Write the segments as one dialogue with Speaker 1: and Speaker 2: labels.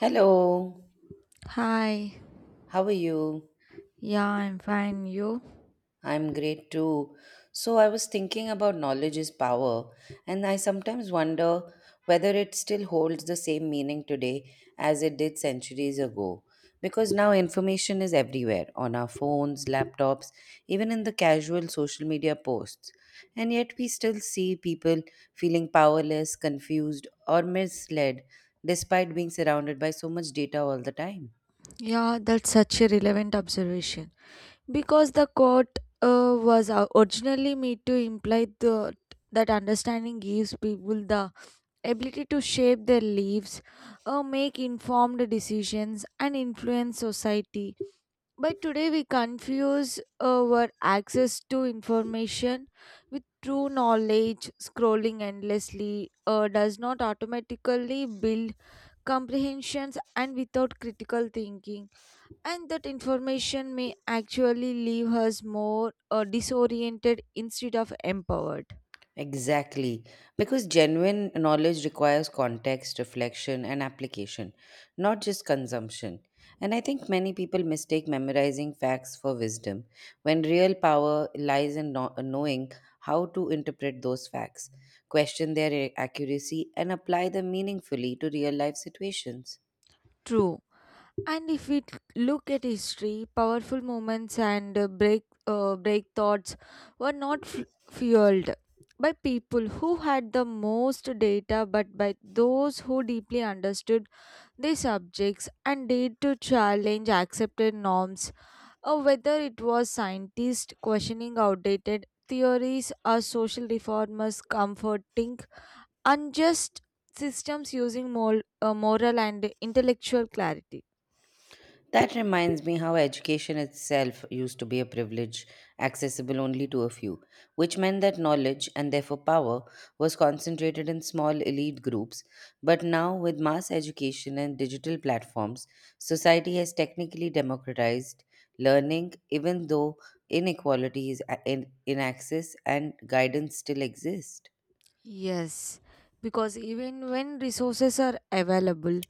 Speaker 1: Hello,
Speaker 2: Hi.
Speaker 1: how are you?
Speaker 2: Yeah, I'm fine. You?
Speaker 1: I'm great too. So, I was thinking about knowledge is power, and I sometimes wonder whether it still holds the same meaning today as it did centuries ago. Because now information is everywhere on our phones, laptops, even in the casual social media posts. And yet, we still see people feeling powerless, confused, or misled despite being surrounded by so much data all the time.
Speaker 2: Yeah, that's such a relevant observation. Because the quote was originally made to imply that understanding gives people the ability to shape their lives, make informed decisions, and influence society. But today we confuse our access to information with true knowledge. Scrolling endlessly does not automatically build comprehensions, and without critical thinking and that information may actually leave us more disoriented instead of empowered.
Speaker 1: Exactly. Because genuine knowledge requires context, reflection, and application, not just consumption. And I think many people mistake memorizing facts for wisdom, when real power lies in knowing how to interpret those facts, question their accuracy, and apply them meaningfully to real life situations.
Speaker 2: True. And if we look at history, powerful moments and break thoughts were not fueled by people who had the most data, but by those who deeply understood their subjects and dared to challenge accepted norms, or whether it was scientists questioning outdated theories or social reformers comforting unjust systems using moral and intellectual clarity.
Speaker 1: That reminds me how education itself used to be a privilege accessible only to a few, which meant that knowledge and therefore power was concentrated in small elite groups. But now, with mass education and digital platforms, society has technically democratized learning, even though inequalities in access and guidance still exist.
Speaker 2: Yes, because even when resources are available,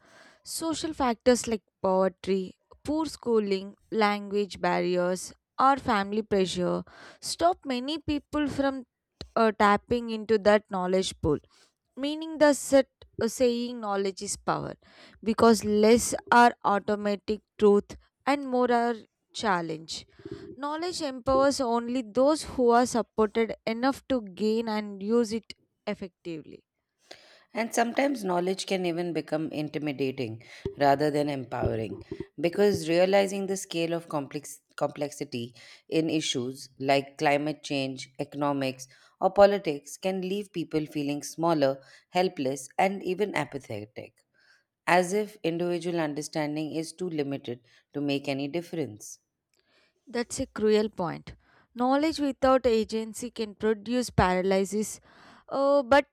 Speaker 2: social factors like poverty, poor schooling, language barriers, or family pressure stop many people from tapping into that knowledge pool, meaning the set saying knowledge is power, because less are automatic truth and more are challenge. Knowledge empowers only those who are supported enough to gain and use it effectively.
Speaker 1: And sometimes knowledge can even become intimidating rather than empowering because realizing the scale of complexity in issues like climate change, economics, or politics can leave people feeling smaller, helpless, and even apathetic, as if individual understanding is too limited to make any difference.
Speaker 2: That's a cruel point. Knowledge without agency can produce paralysis, but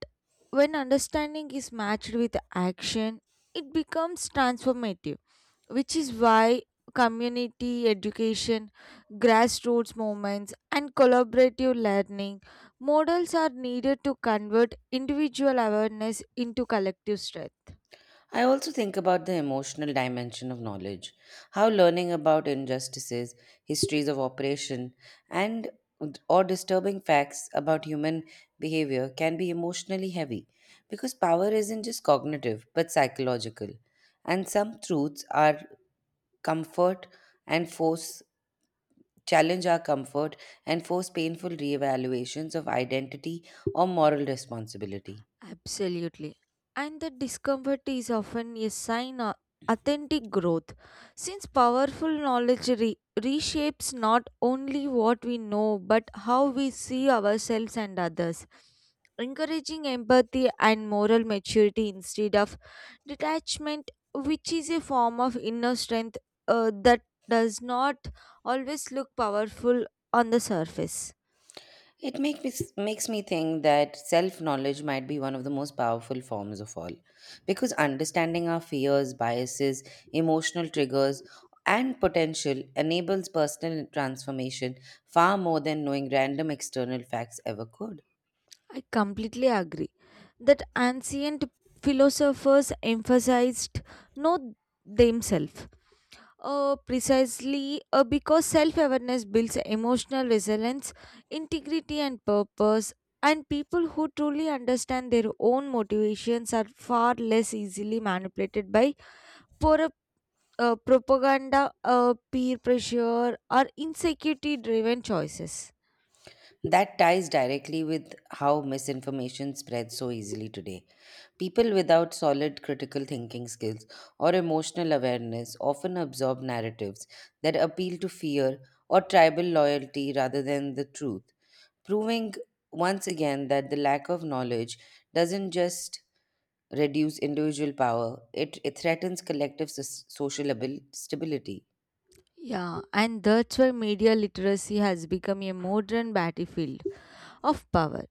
Speaker 2: when understanding is matched with action, it becomes transformative, which is why community education, grassroots movements, and collaborative learning models are needed to convert individual awareness into collective strength.
Speaker 1: I also think about the emotional dimension of knowledge, how learning about injustices, histories of oppression, and or disturbing facts about human behavior can be emotionally heavy because power isn't just cognitive but psychological, and some truths are comfort and force challenge our comfort and force painful reevaluations of identity or moral responsibility.
Speaker 2: Absolutely. And the discomfort is often a sign of authentic growth, since powerful knowledge reshapes not only what we know but how we see ourselves and others, encouraging empathy and moral maturity instead of detachment, which is a form of inner strength that does not always look powerful on the surface.
Speaker 1: Makes me think that self knowledge might be one of the most powerful forms of all. Because understanding our fears, biases, emotional triggers, and potential enables personal transformation far more than knowing random external facts ever could.
Speaker 2: I completely agree that ancient philosophers emphasized not themselves. Precisely, because self awareness builds emotional resilience, integrity, and purpose, and people who truly understand their own motivations are far less easily manipulated by por- propaganda, peer pressure, or insecurity driven choices.
Speaker 1: That ties directly with how misinformation spreads so easily today. People without solid critical thinking skills or emotional awareness often absorb narratives that appeal to fear or tribal loyalty rather than the truth, proving once again that the lack of knowledge doesn't just reduce individual power, it threatens collective social stability.
Speaker 2: Yeah, and that's why media literacy has become a modern battlefield of power,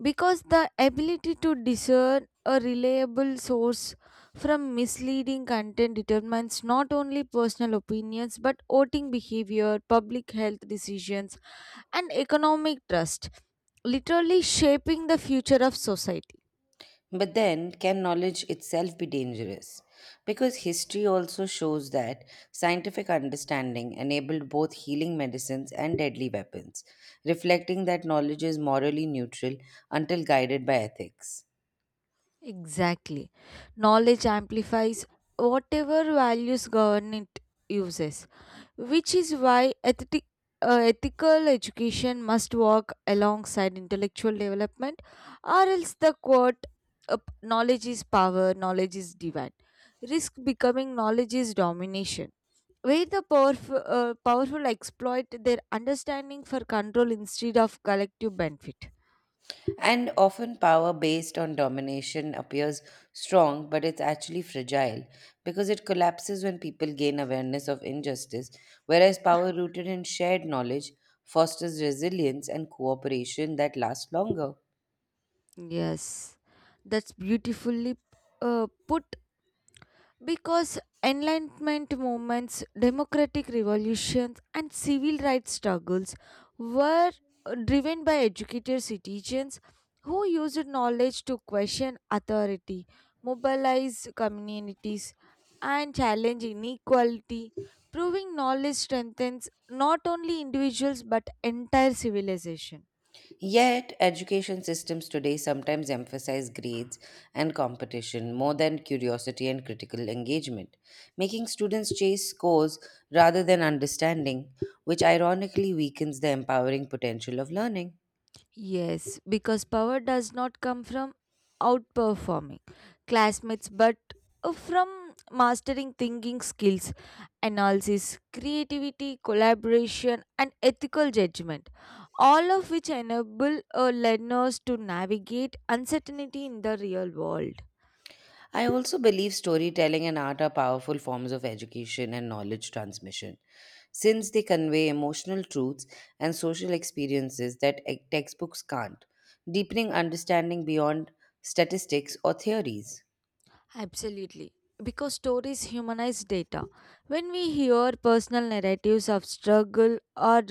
Speaker 2: because the ability to discern a reliable source from misleading content determines not only personal opinions but voting behavior, public health decisions, and economic trust, literally shaping the future of society.
Speaker 1: But then, can knowledge itself be dangerous? Because history also shows that scientific understanding enabled both healing medicines and deadly weapons, reflecting that knowledge is morally neutral until guided by ethics.
Speaker 2: Exactly. Knowledge amplifies whatever values government uses, which is why ethical education must work alongside intellectual development, or else the quote, knowledge is power, knowledge is divine, risk becoming knowledge is domination. Where the powerful exploit their understanding for control instead of collective benefit.
Speaker 1: And often, power based on domination appears strong, but it's actually fragile because it collapses when people gain awareness of injustice, whereas power rooted in shared knowledge fosters resilience and cooperation that lasts longer.
Speaker 2: Yes, that's beautifully put. Because Enlightenment movements, democratic revolutions, and civil rights struggles were driven by educated citizens who used knowledge to question authority, mobilize communities, and challenge inequality, proving knowledge strengthens not only individuals but entire civilization.
Speaker 1: Yet, education systems today sometimes emphasize grades and competition more than curiosity and critical engagement, making students chase scores rather than understanding, which ironically weakens the empowering potential of learning.
Speaker 2: Yes, because power does not come from outperforming classmates but from mastering thinking skills, analysis, creativity, collaboration, and ethical judgment, all of which enable learners to navigate uncertainty in the real world.
Speaker 1: I also believe storytelling and art are powerful forms of education and knowledge transmission, since they convey emotional truths and social experiences that textbooks can't, deepening understanding beyond statistics or theories.
Speaker 2: Absolutely. Because stories humanize data. When we hear personal narratives of struggle or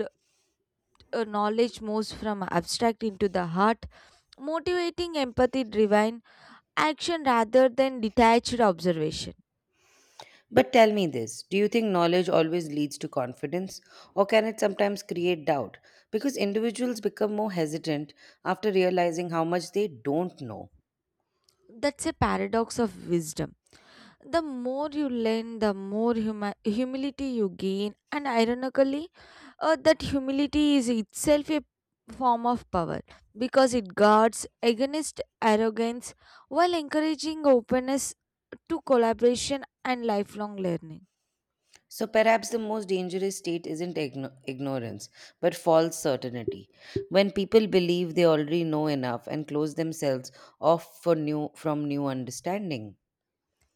Speaker 2: knowledge moves from abstract into the heart, motivating empathy driven action rather than detached observation.
Speaker 1: But tell me this, do you think knowledge always leads to confidence, or can it sometimes create doubt? Because individuals become more hesitant after realizing how much they don't know.
Speaker 2: That's a paradox of wisdom. The more you learn, the more humility you gain, and ironically, that humility is itself a form of power because it guards against arrogance while encouraging openness to collaboration and lifelong learning.
Speaker 1: So perhaps the most dangerous state isn't ignorance, but false certainty. When people believe they already know enough and close themselves off for from new understanding.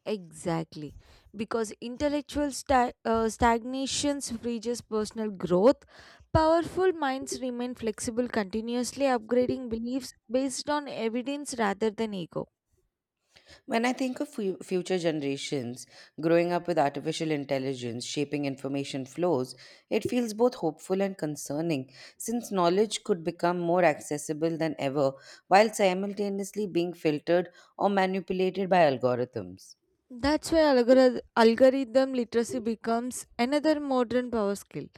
Speaker 2: Exactly, because intellectual stagnations freezes personal growth. Powerful minds remain flexible, continuously upgrading beliefs based on evidence rather than ego.
Speaker 1: When I think of future generations growing up with artificial intelligence shaping information flows, it feels both hopeful and concerning since knowledge could become more accessible than ever while simultaneously being filtered or manipulated by algorithms.
Speaker 2: That's why algorithm literacy becomes another modern power skill.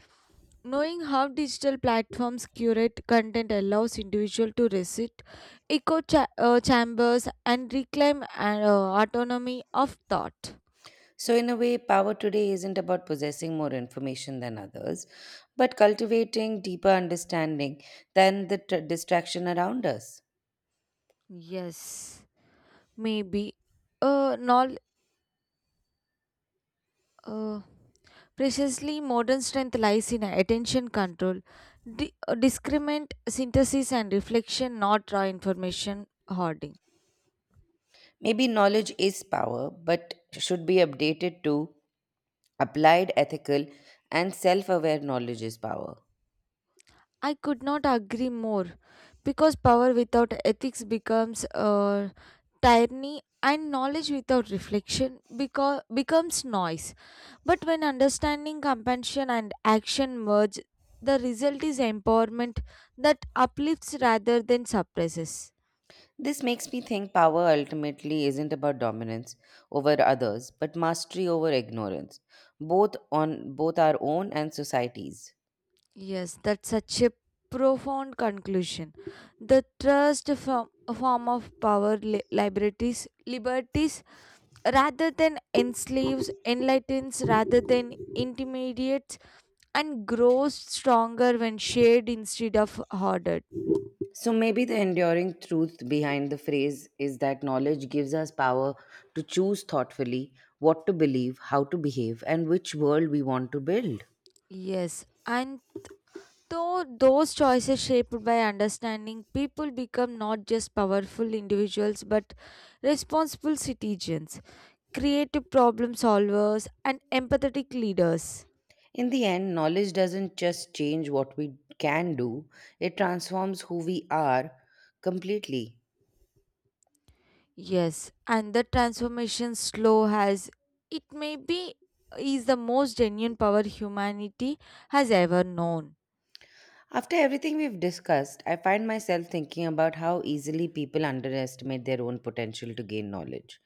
Speaker 2: Knowing how digital platforms curate content allows individual to resist echo chambers and reclaim autonomy of thought.
Speaker 1: So, in a way, power today isn't about possessing more information than others, but cultivating deeper understanding than the tr distraction around us.
Speaker 2: Yes. Maybe. Not, uh, precisely modern strength lies in attention control, discriminant synthesis and reflection, not raw information hoarding.
Speaker 1: Maybe knowledge is power, but should be updated too. Applied, ethical, and self aware knowledge is power.
Speaker 2: I could not agree more, because power without ethics becomes tyranny, and knowledge without reflection becomes noise. But when understanding, compassion, and action merge, the result is empowerment that uplifts rather than suppresses.
Speaker 1: This makes me think power ultimately isn't about dominance over others, but mastery over ignorance, both our own and society's.
Speaker 2: Yes, that's such a profound conclusion. The trust from a form of power liberties rather than enslaves, enlightens rather than intimidates, and grows stronger when shared instead of hoarded.
Speaker 1: So maybe the enduring truth behind the phrase is that knowledge gives us power to choose thoughtfully what to believe, how to behave, and which world we want to build.
Speaker 2: Yes. And though those choices shaped by understanding, people become not just powerful individuals but responsible citizens, creative problem solvers, and empathetic leaders.
Speaker 1: In the end, knowledge doesn't just change what we can do, it transforms who we are completely.
Speaker 2: Yes, and the transformation slow has it may be is the most genuine power humanity has ever known.
Speaker 1: After everything we've discussed, I find myself thinking about how easily people underestimate their own potential to gain knowledge,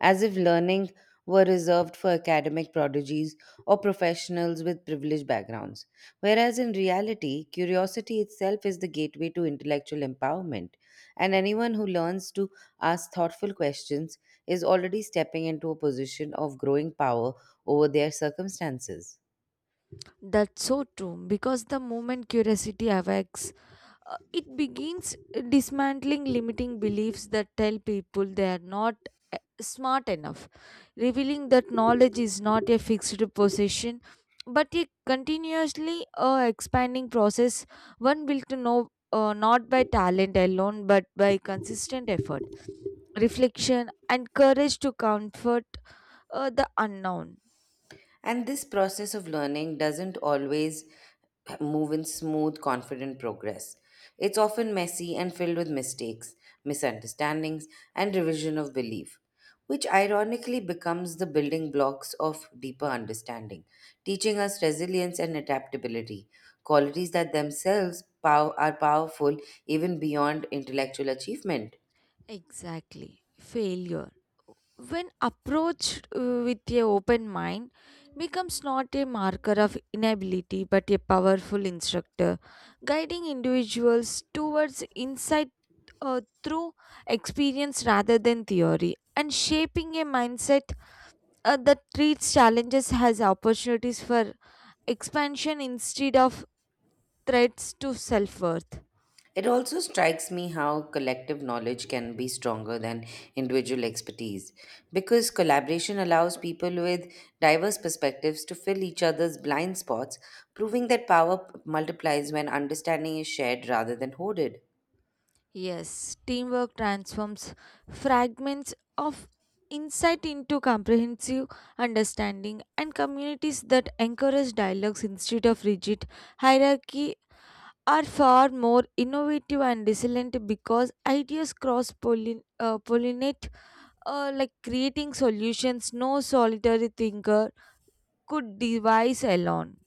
Speaker 1: as if learning were reserved for academic prodigies or professionals with privileged backgrounds. Whereas in reality, curiosity itself is the gateway to intellectual empowerment, and anyone who learns to ask thoughtful questions is already stepping into a position of growing power over their circumstances.
Speaker 2: That's so true because the moment curiosity awakes, it begins dismantling limiting beliefs that tell people they are not smart enough, revealing that knowledge is not a fixed possession but a continuously expanding process, one built to know not by talent alone but by consistent effort, reflection, and courage to comfort the unknown.
Speaker 1: And this process of learning doesn't always move in smooth, confident progress. It's often messy and filled with mistakes, misunderstandings, and revision of belief, which ironically becomes the building blocks of deeper understanding, teaching us resilience and adaptability, qualities that themselves are powerful even beyond intellectual achievement.
Speaker 2: Exactly. Failure, when approached with a open mind, becomes not a marker of inability but a powerful instructor, guiding individuals towards insight through experience rather than theory, and shaping a mindset that treats challenges as opportunities for expansion instead of threats to self-worth.
Speaker 1: It also strikes me how collective knowledge can be stronger than individual expertise because collaboration allows people with diverse perspectives to fill each other's blind spots, proving that power multiplies when understanding is shared rather than hoarded.
Speaker 2: Yes, teamwork transforms fragments of insight into comprehensive understanding, and communities that encourage dialogues instead of rigid hierarchy are far more innovative and resilient because ideas cross pollinate like creating solutions no solitary thinker could devise alone.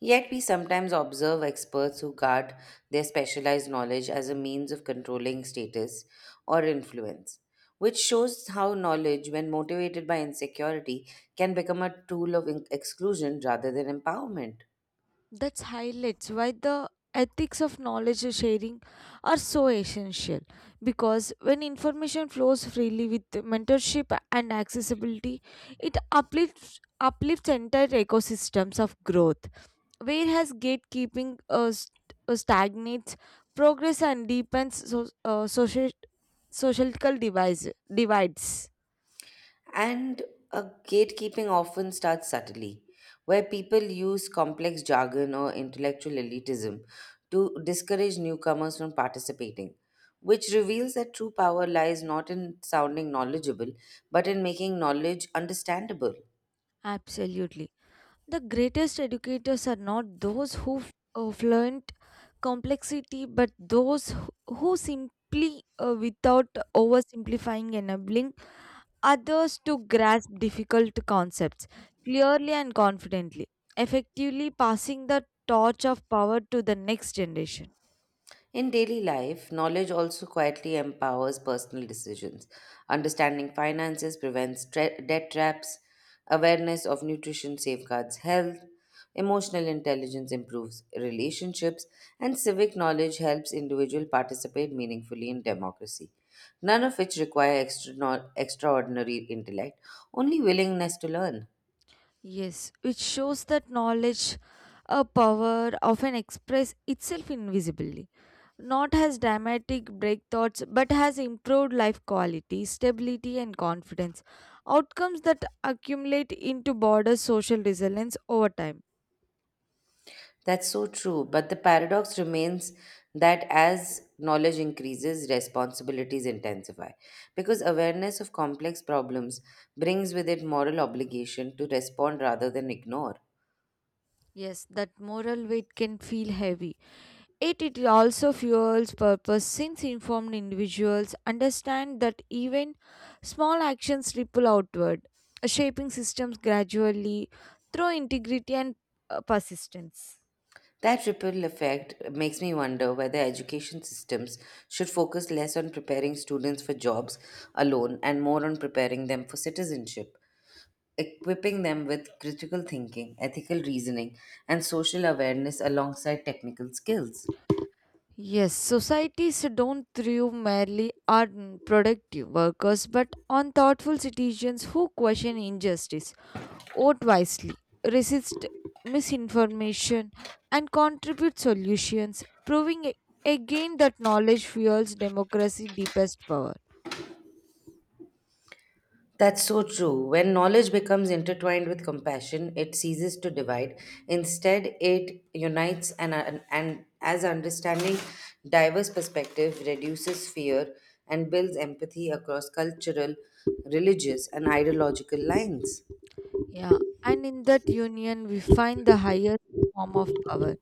Speaker 1: Yet, we sometimes observe experts who guard their specialized knowledge as a means of controlling status or influence, which shows how knowledge, when motivated by insecurity, can become a tool of exclusion rather than empowerment.
Speaker 2: That's highlights why the ethics of knowledge sharing are so essential, because when information flows freely with mentorship and accessibility, it uplifts entire ecosystems of growth. Whereas gatekeeping stagnates progress and deepens so- social societal divides.
Speaker 1: And a gatekeeping often starts subtly, where people use complex jargon or intellectual elitism to discourage newcomers from participating, which reveals that true power lies not in sounding knowledgeable, but in making knowledge understandable.
Speaker 2: Absolutely. The greatest educators are not those who fluent complexity, but those who simply, without oversimplifying, enabling others to grasp difficult concepts clearly and confidently, effectively passing the torch of power to the next generation.
Speaker 1: In daily life, knowledge also quietly empowers personal decisions. Understanding finances prevents debt traps, awareness of nutrition safeguards health, emotional intelligence improves relationships, and civic knowledge helps individuals participate meaningfully in democracy. None of which require extraordinary intellect, only willingness to learn.
Speaker 2: Yes, which shows that knowledge, a power often express itself invisibly, not as dramatic breakthroughs, but has improved life quality, stability, and confidence. Outcomes that accumulate into broader social resilience over time.
Speaker 1: That's so true. But the paradox remains that as knowledge increases, responsibilities intensify. Because awareness of complex problems brings with it moral obligation to respond rather than ignore.
Speaker 2: Yes, that moral weight can feel heavy. It also fuels purpose, since informed individuals understand that even small actions ripple outward, shaping systems gradually through integrity and persistence.
Speaker 1: That ripple effect makes me wonder whether education systems should focus less on preparing students for jobs alone and more on preparing them for citizenship, equipping them with critical thinking, ethical reasoning, and social awareness alongside technical skills.
Speaker 2: Yes, societies don't thrive merely on productive workers but on thoughtful citizens who question injustice, vote wisely, resist misinformation, and contribute solutions, proving again that knowledge fuels democracy's deepest power.
Speaker 1: That's so true. When knowledge becomes intertwined with compassion, it ceases to divide. Instead, it unites, and as understanding diverse perspective reduces fear and builds empathy across cultural, religious, and ideological lines.
Speaker 2: Yeah, and in that union, we find the highest form of power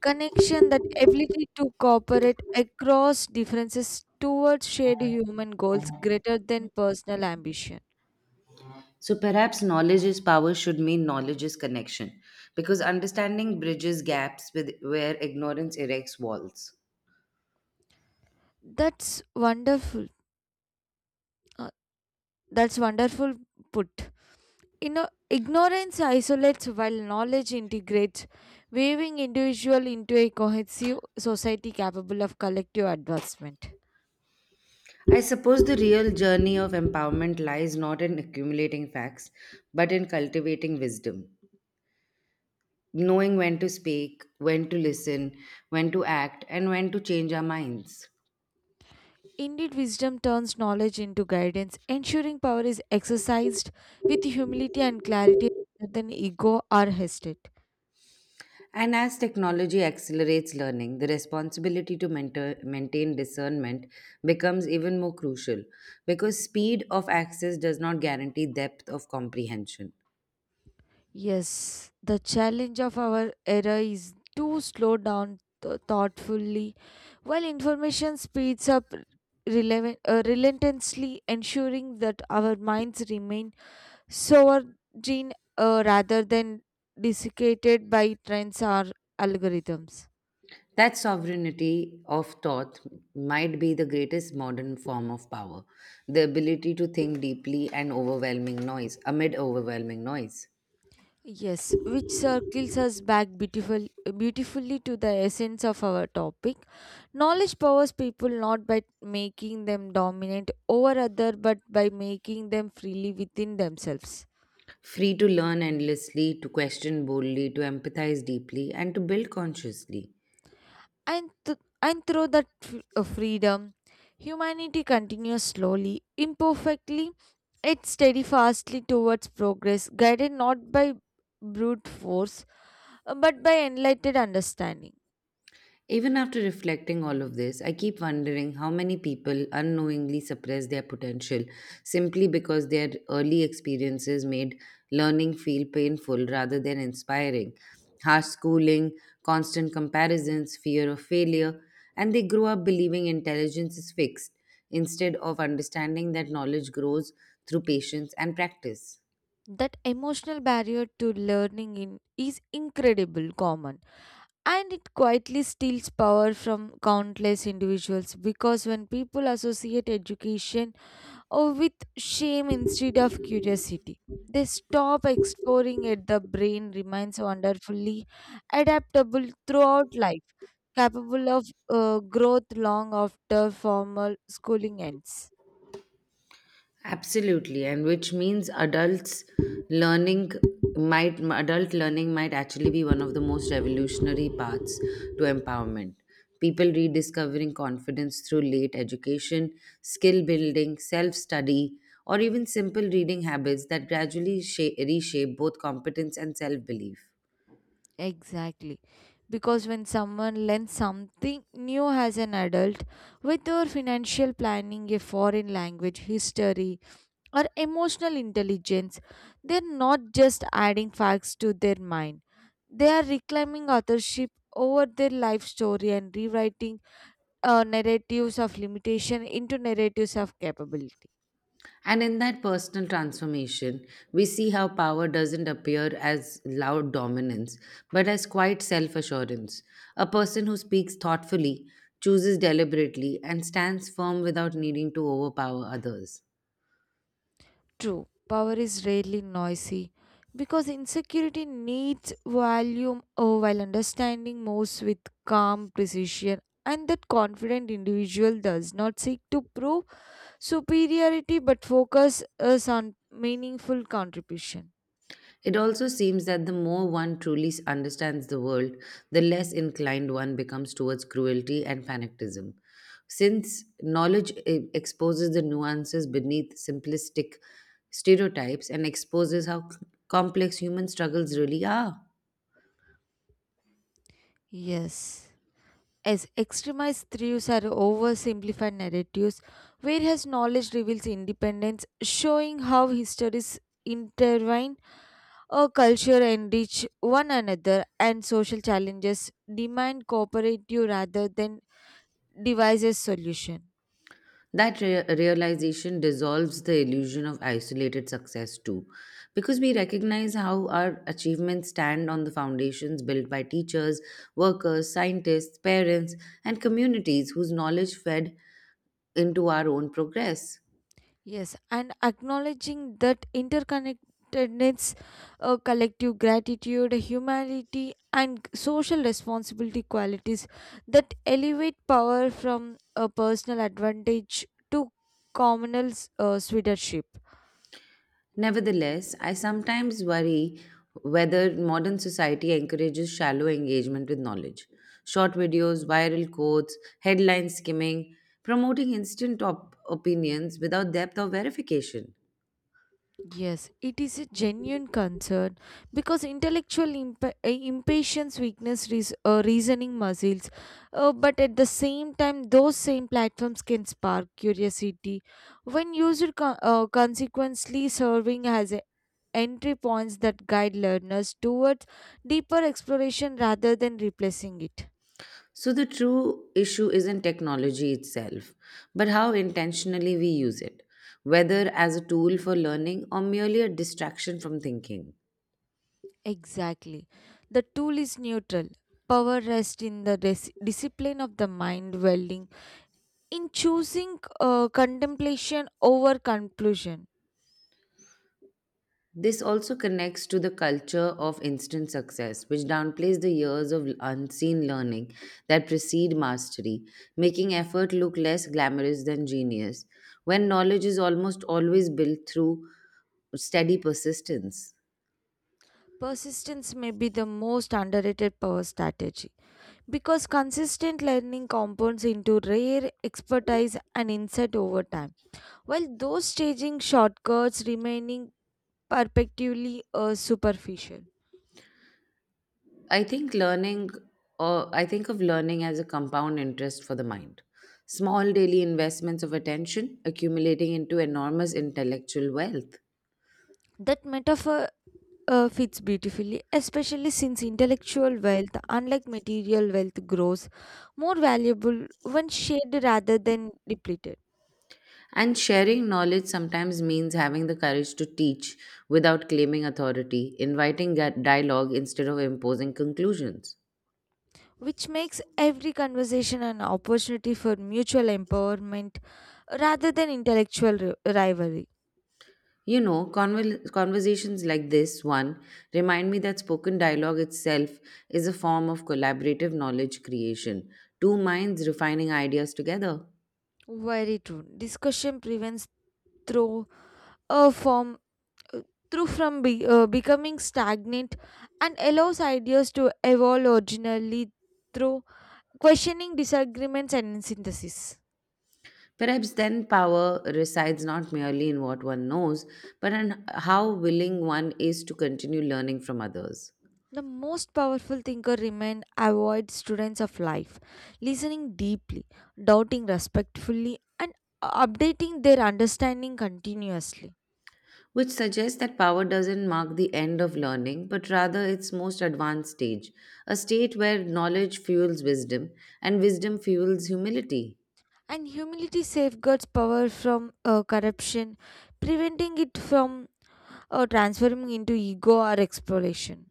Speaker 2: connection, that ability to cooperate across differences towards shared human goals greater than personal ambition.
Speaker 1: So perhaps knowledge is power should mean knowledge is connection because understanding bridges gaps with where ignorance erects walls.
Speaker 2: That's wonderful. Uh, that's wonderful put. Ignorance isolates while knowledge integrates, weaving individual into a cohesive society capable of collective advancement.
Speaker 1: I suppose the real journey of empowerment lies not in accumulating facts, but in cultivating wisdom, knowing when to speak, when to listen, when to act, and when to change our minds.
Speaker 2: Indeed, wisdom turns knowledge into guidance, ensuring power is exercised with humility and clarity rather than ego or hatred.
Speaker 1: And as technology accelerates learning, the responsibility to mentor, maintain discernment becomes even more crucial because speed of access does not guarantee depth of comprehension.
Speaker 2: Yes, the challenge of our era is to slow down thoughtfully while information speeds up relentlessly, ensuring that our minds remain sovereign rather than desiccated by trends or algorithms.
Speaker 1: That sovereignty of thought might be the greatest modern form of power, the ability to think deeply amid overwhelming noise.
Speaker 2: Yes, which circles us back beautifully to the essence of our topic. Knowledge powers people not by making them dominant over other, but by making them freely within themselves.
Speaker 1: Free to learn endlessly, to question boldly, to empathize deeply, and to build consciously.
Speaker 2: And through that freedom, humanity continues slowly, imperfectly, yet steadfastly towards progress, guided not by brute force, but by enlightened understanding.
Speaker 1: Even after reflecting all of this, I keep wondering how many people unknowingly suppress their potential simply because their early experiences made learning feel painful rather than inspiring. Harsh schooling, constant comparisons, fear of failure, and they grow up believing intelligence is fixed instead of understanding that knowledge grows through patience and practice.
Speaker 2: That emotional barrier to learning in is incredible common, and it quietly steals power from countless individuals, because when people associate education or with shame instead of curiosity, they stop exploring it. The brain remains wonderfully adaptable throughout life, capable of growth long after formal schooling ends.
Speaker 1: Absolutely, and which means learning adult learning might actually be one of the most revolutionary paths to empowerment. People rediscovering confidence through late education, skill building, self study, or even simple reading habits that reshape both competence and self belief.
Speaker 2: Exactly. Because when someone learns something new as an adult, whether financial planning, a foreign language, history, or emotional intelligence, they're not just adding facts to their mind. They are reclaiming authorship over their life story and rewriting narratives of limitation into narratives of capability.
Speaker 1: And in that personal transformation, we see how power doesn't appear as loud dominance, but as quiet self assurance. A person who speaks thoughtfully, chooses deliberately, and stands firm without needing to overpower others.
Speaker 2: True, power is rarely noisy because insecurity needs volume while understanding moves with calm precision, and that confident individual does not seek to prove superiority but focus us on meaningful contribution.
Speaker 1: It also seems that the more one truly understands the world, the less inclined one becomes towards cruelty and fanaticism, since knowledge exposes the nuances beneath simplistic stereotypes and exposes how complex human struggles really are.
Speaker 2: Yes. As extremized theories are oversimplified narratives, whereas knowledge reveals independence, showing how histories intertwine, our culture enrich one another, and social challenges demand cooperative rather than devices solution.
Speaker 1: That realization dissolves the illusion of isolated success too, because we recognize how our achievements stand on the foundations built by teachers, workers, scientists, parents, and communities whose knowledge fed into our own progress.
Speaker 2: Yes, and acknowledging that interconnectedness, collective gratitude, humanity, and social responsibility qualities that elevate power from a personal advantage to communal stewardship.
Speaker 1: Nevertheless, I sometimes worry whether modern society encourages shallow engagement with knowledge. Short videos, viral quotes, headline skimming, promoting instant opinions without depth or verification.
Speaker 2: Yes, it is a genuine concern because intellectual impatience weakness reasoning muscles, but at the same time, those same platforms can spark curiosity when used consequently, serving as a entry points that guide learners towards deeper exploration rather than replacing it.
Speaker 1: So, the true issue isn't technology itself, but how intentionally we use it, whether as a tool for learning or merely a distraction from thinking.
Speaker 2: Exactly. The tool is neutral. Power rests in the discipline of the mind welding. In choosing contemplation over conclusion,
Speaker 1: This also connects to the culture of instant success, which downplays the years of unseen learning that precede mastery, making effort look less glamorous than genius, when knowledge is almost always built through steady persistence.
Speaker 2: persistence may be the most underrated power strategy because consistent learning compounds into rare expertise and insight over time, while those staging shortcuts remaining perpetually superficial.
Speaker 1: I think learning, or I think of learning as a compound interest for the mind. Small daily investments of attention accumulating into enormous intellectual wealth.
Speaker 2: That metaphor fits beautifully, especially since intellectual wealth, unlike material wealth, grows more valuable when shared rather than depleted.
Speaker 1: And sharing knowledge sometimes means having the courage to teach without claiming authority, inviting dialogue instead of imposing conclusions.
Speaker 2: Which makes every conversation an opportunity for mutual empowerment rather than intellectual rivalry.
Speaker 1: You know, conversations like this one remind me that spoken dialogue itself is a form of collaborative knowledge creation, two minds refining ideas together.
Speaker 2: Very true. Discussion prevents through a form through from becoming stagnant and allows ideas to evolve originally through questioning disagreements and synthesis.
Speaker 1: Perhaps then power resides not merely in what one knows, but in how willing one is to continue learning from others.
Speaker 2: The most powerful thinker remained avoid students of life, listening deeply, doubting respectfully, and updating their understanding continuously.
Speaker 1: Which suggests that power doesn't mark the end of learning, but rather its most advanced stage, a state where knowledge fuels wisdom and wisdom fuels humility.
Speaker 2: And humility safeguards power from corruption, preventing it from transforming into ego or exploration.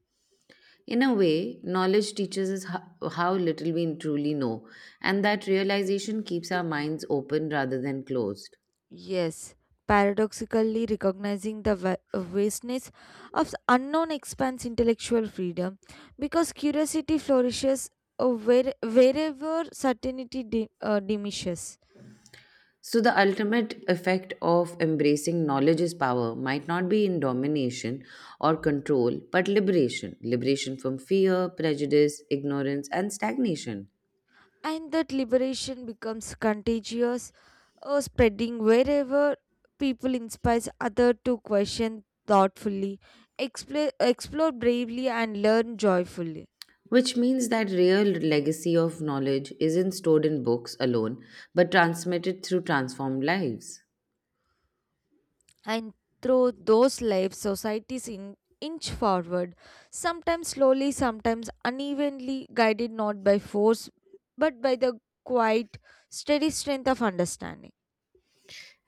Speaker 1: In a way, knowledge teaches us how little we truly know, and that realization keeps our minds open rather than closed.
Speaker 2: Yes, paradoxically recognizing the vastness of unknown expands intellectual freedom because curiosity flourishes wherever certainty diminishes.
Speaker 1: So, the ultimate effect of embracing knowledge is power might not be in domination or control, but liberation from fear, prejudice, ignorance, and stagnation.
Speaker 2: And that liberation becomes contagious, spreading wherever people inspires others to question thoughtfully, explore bravely, and learn joyfully.
Speaker 1: Which means that real legacy of knowledge isn't stored in books alone, but transmitted through transformed lives.
Speaker 2: And through those lives, societies inch forward, sometimes slowly, sometimes unevenly, guided not by force but by the quiet, steady strength of understanding.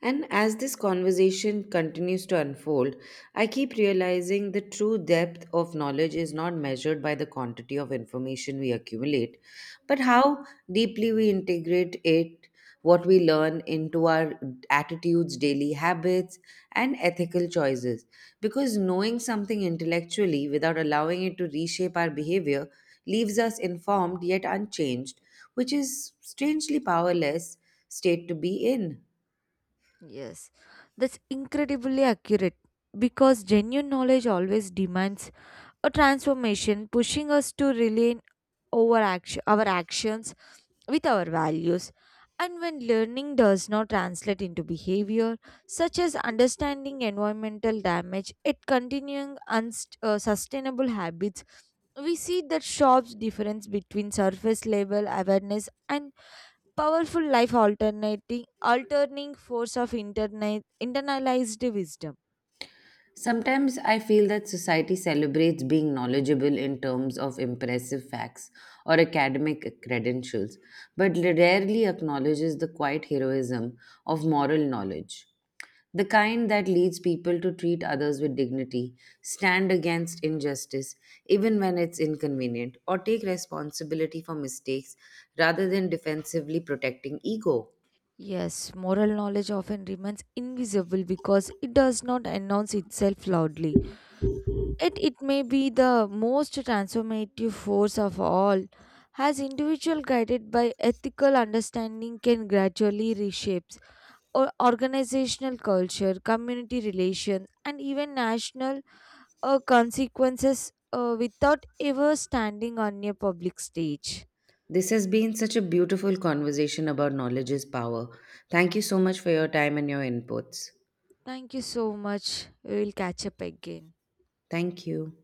Speaker 1: And as this conversation continues to unfold, I keep realizing the true depth of knowledge is not measured by the quantity of information we accumulate, but how deeply we integrate it, what we learn into our attitudes, daily habits, and ethical choices. Because knowing something intellectually without allowing it to reshape our behavior leaves us informed yet unchanged, which is strangely powerless state to be in.
Speaker 2: Yes, that's incredibly accurate because genuine knowledge always demands a transformation, pushing us to rely our actions with our values. And when learning does not translate into behavior, such as understanding environmental damage, it continuing unsustainable habits, we see that sharp difference between surface level awareness and powerful life alternating force of internet internalized wisdom.
Speaker 1: Sometimes I feel that society celebrates being knowledgeable in terms of impressive facts or academic credentials, but rarely acknowledges the quiet heroism of moral knowledge. The kind that leads people to treat others with dignity, stand against injustice, even when it's inconvenient, or take responsibility for mistakes rather than defensively protecting ego.
Speaker 2: Yes, moral knowledge often remains invisible because it does not announce itself loudly. It may be the most transformative force of all, as individual guided by ethical understanding can gradually reshape or organizational culture, community relations, and even national consequences without ever standing on a public stage.
Speaker 1: This has been such a beautiful conversation about knowledge is power. Thank you so much for your time and your inputs.
Speaker 2: Thank you so much. We will catch up again.
Speaker 1: Thank you.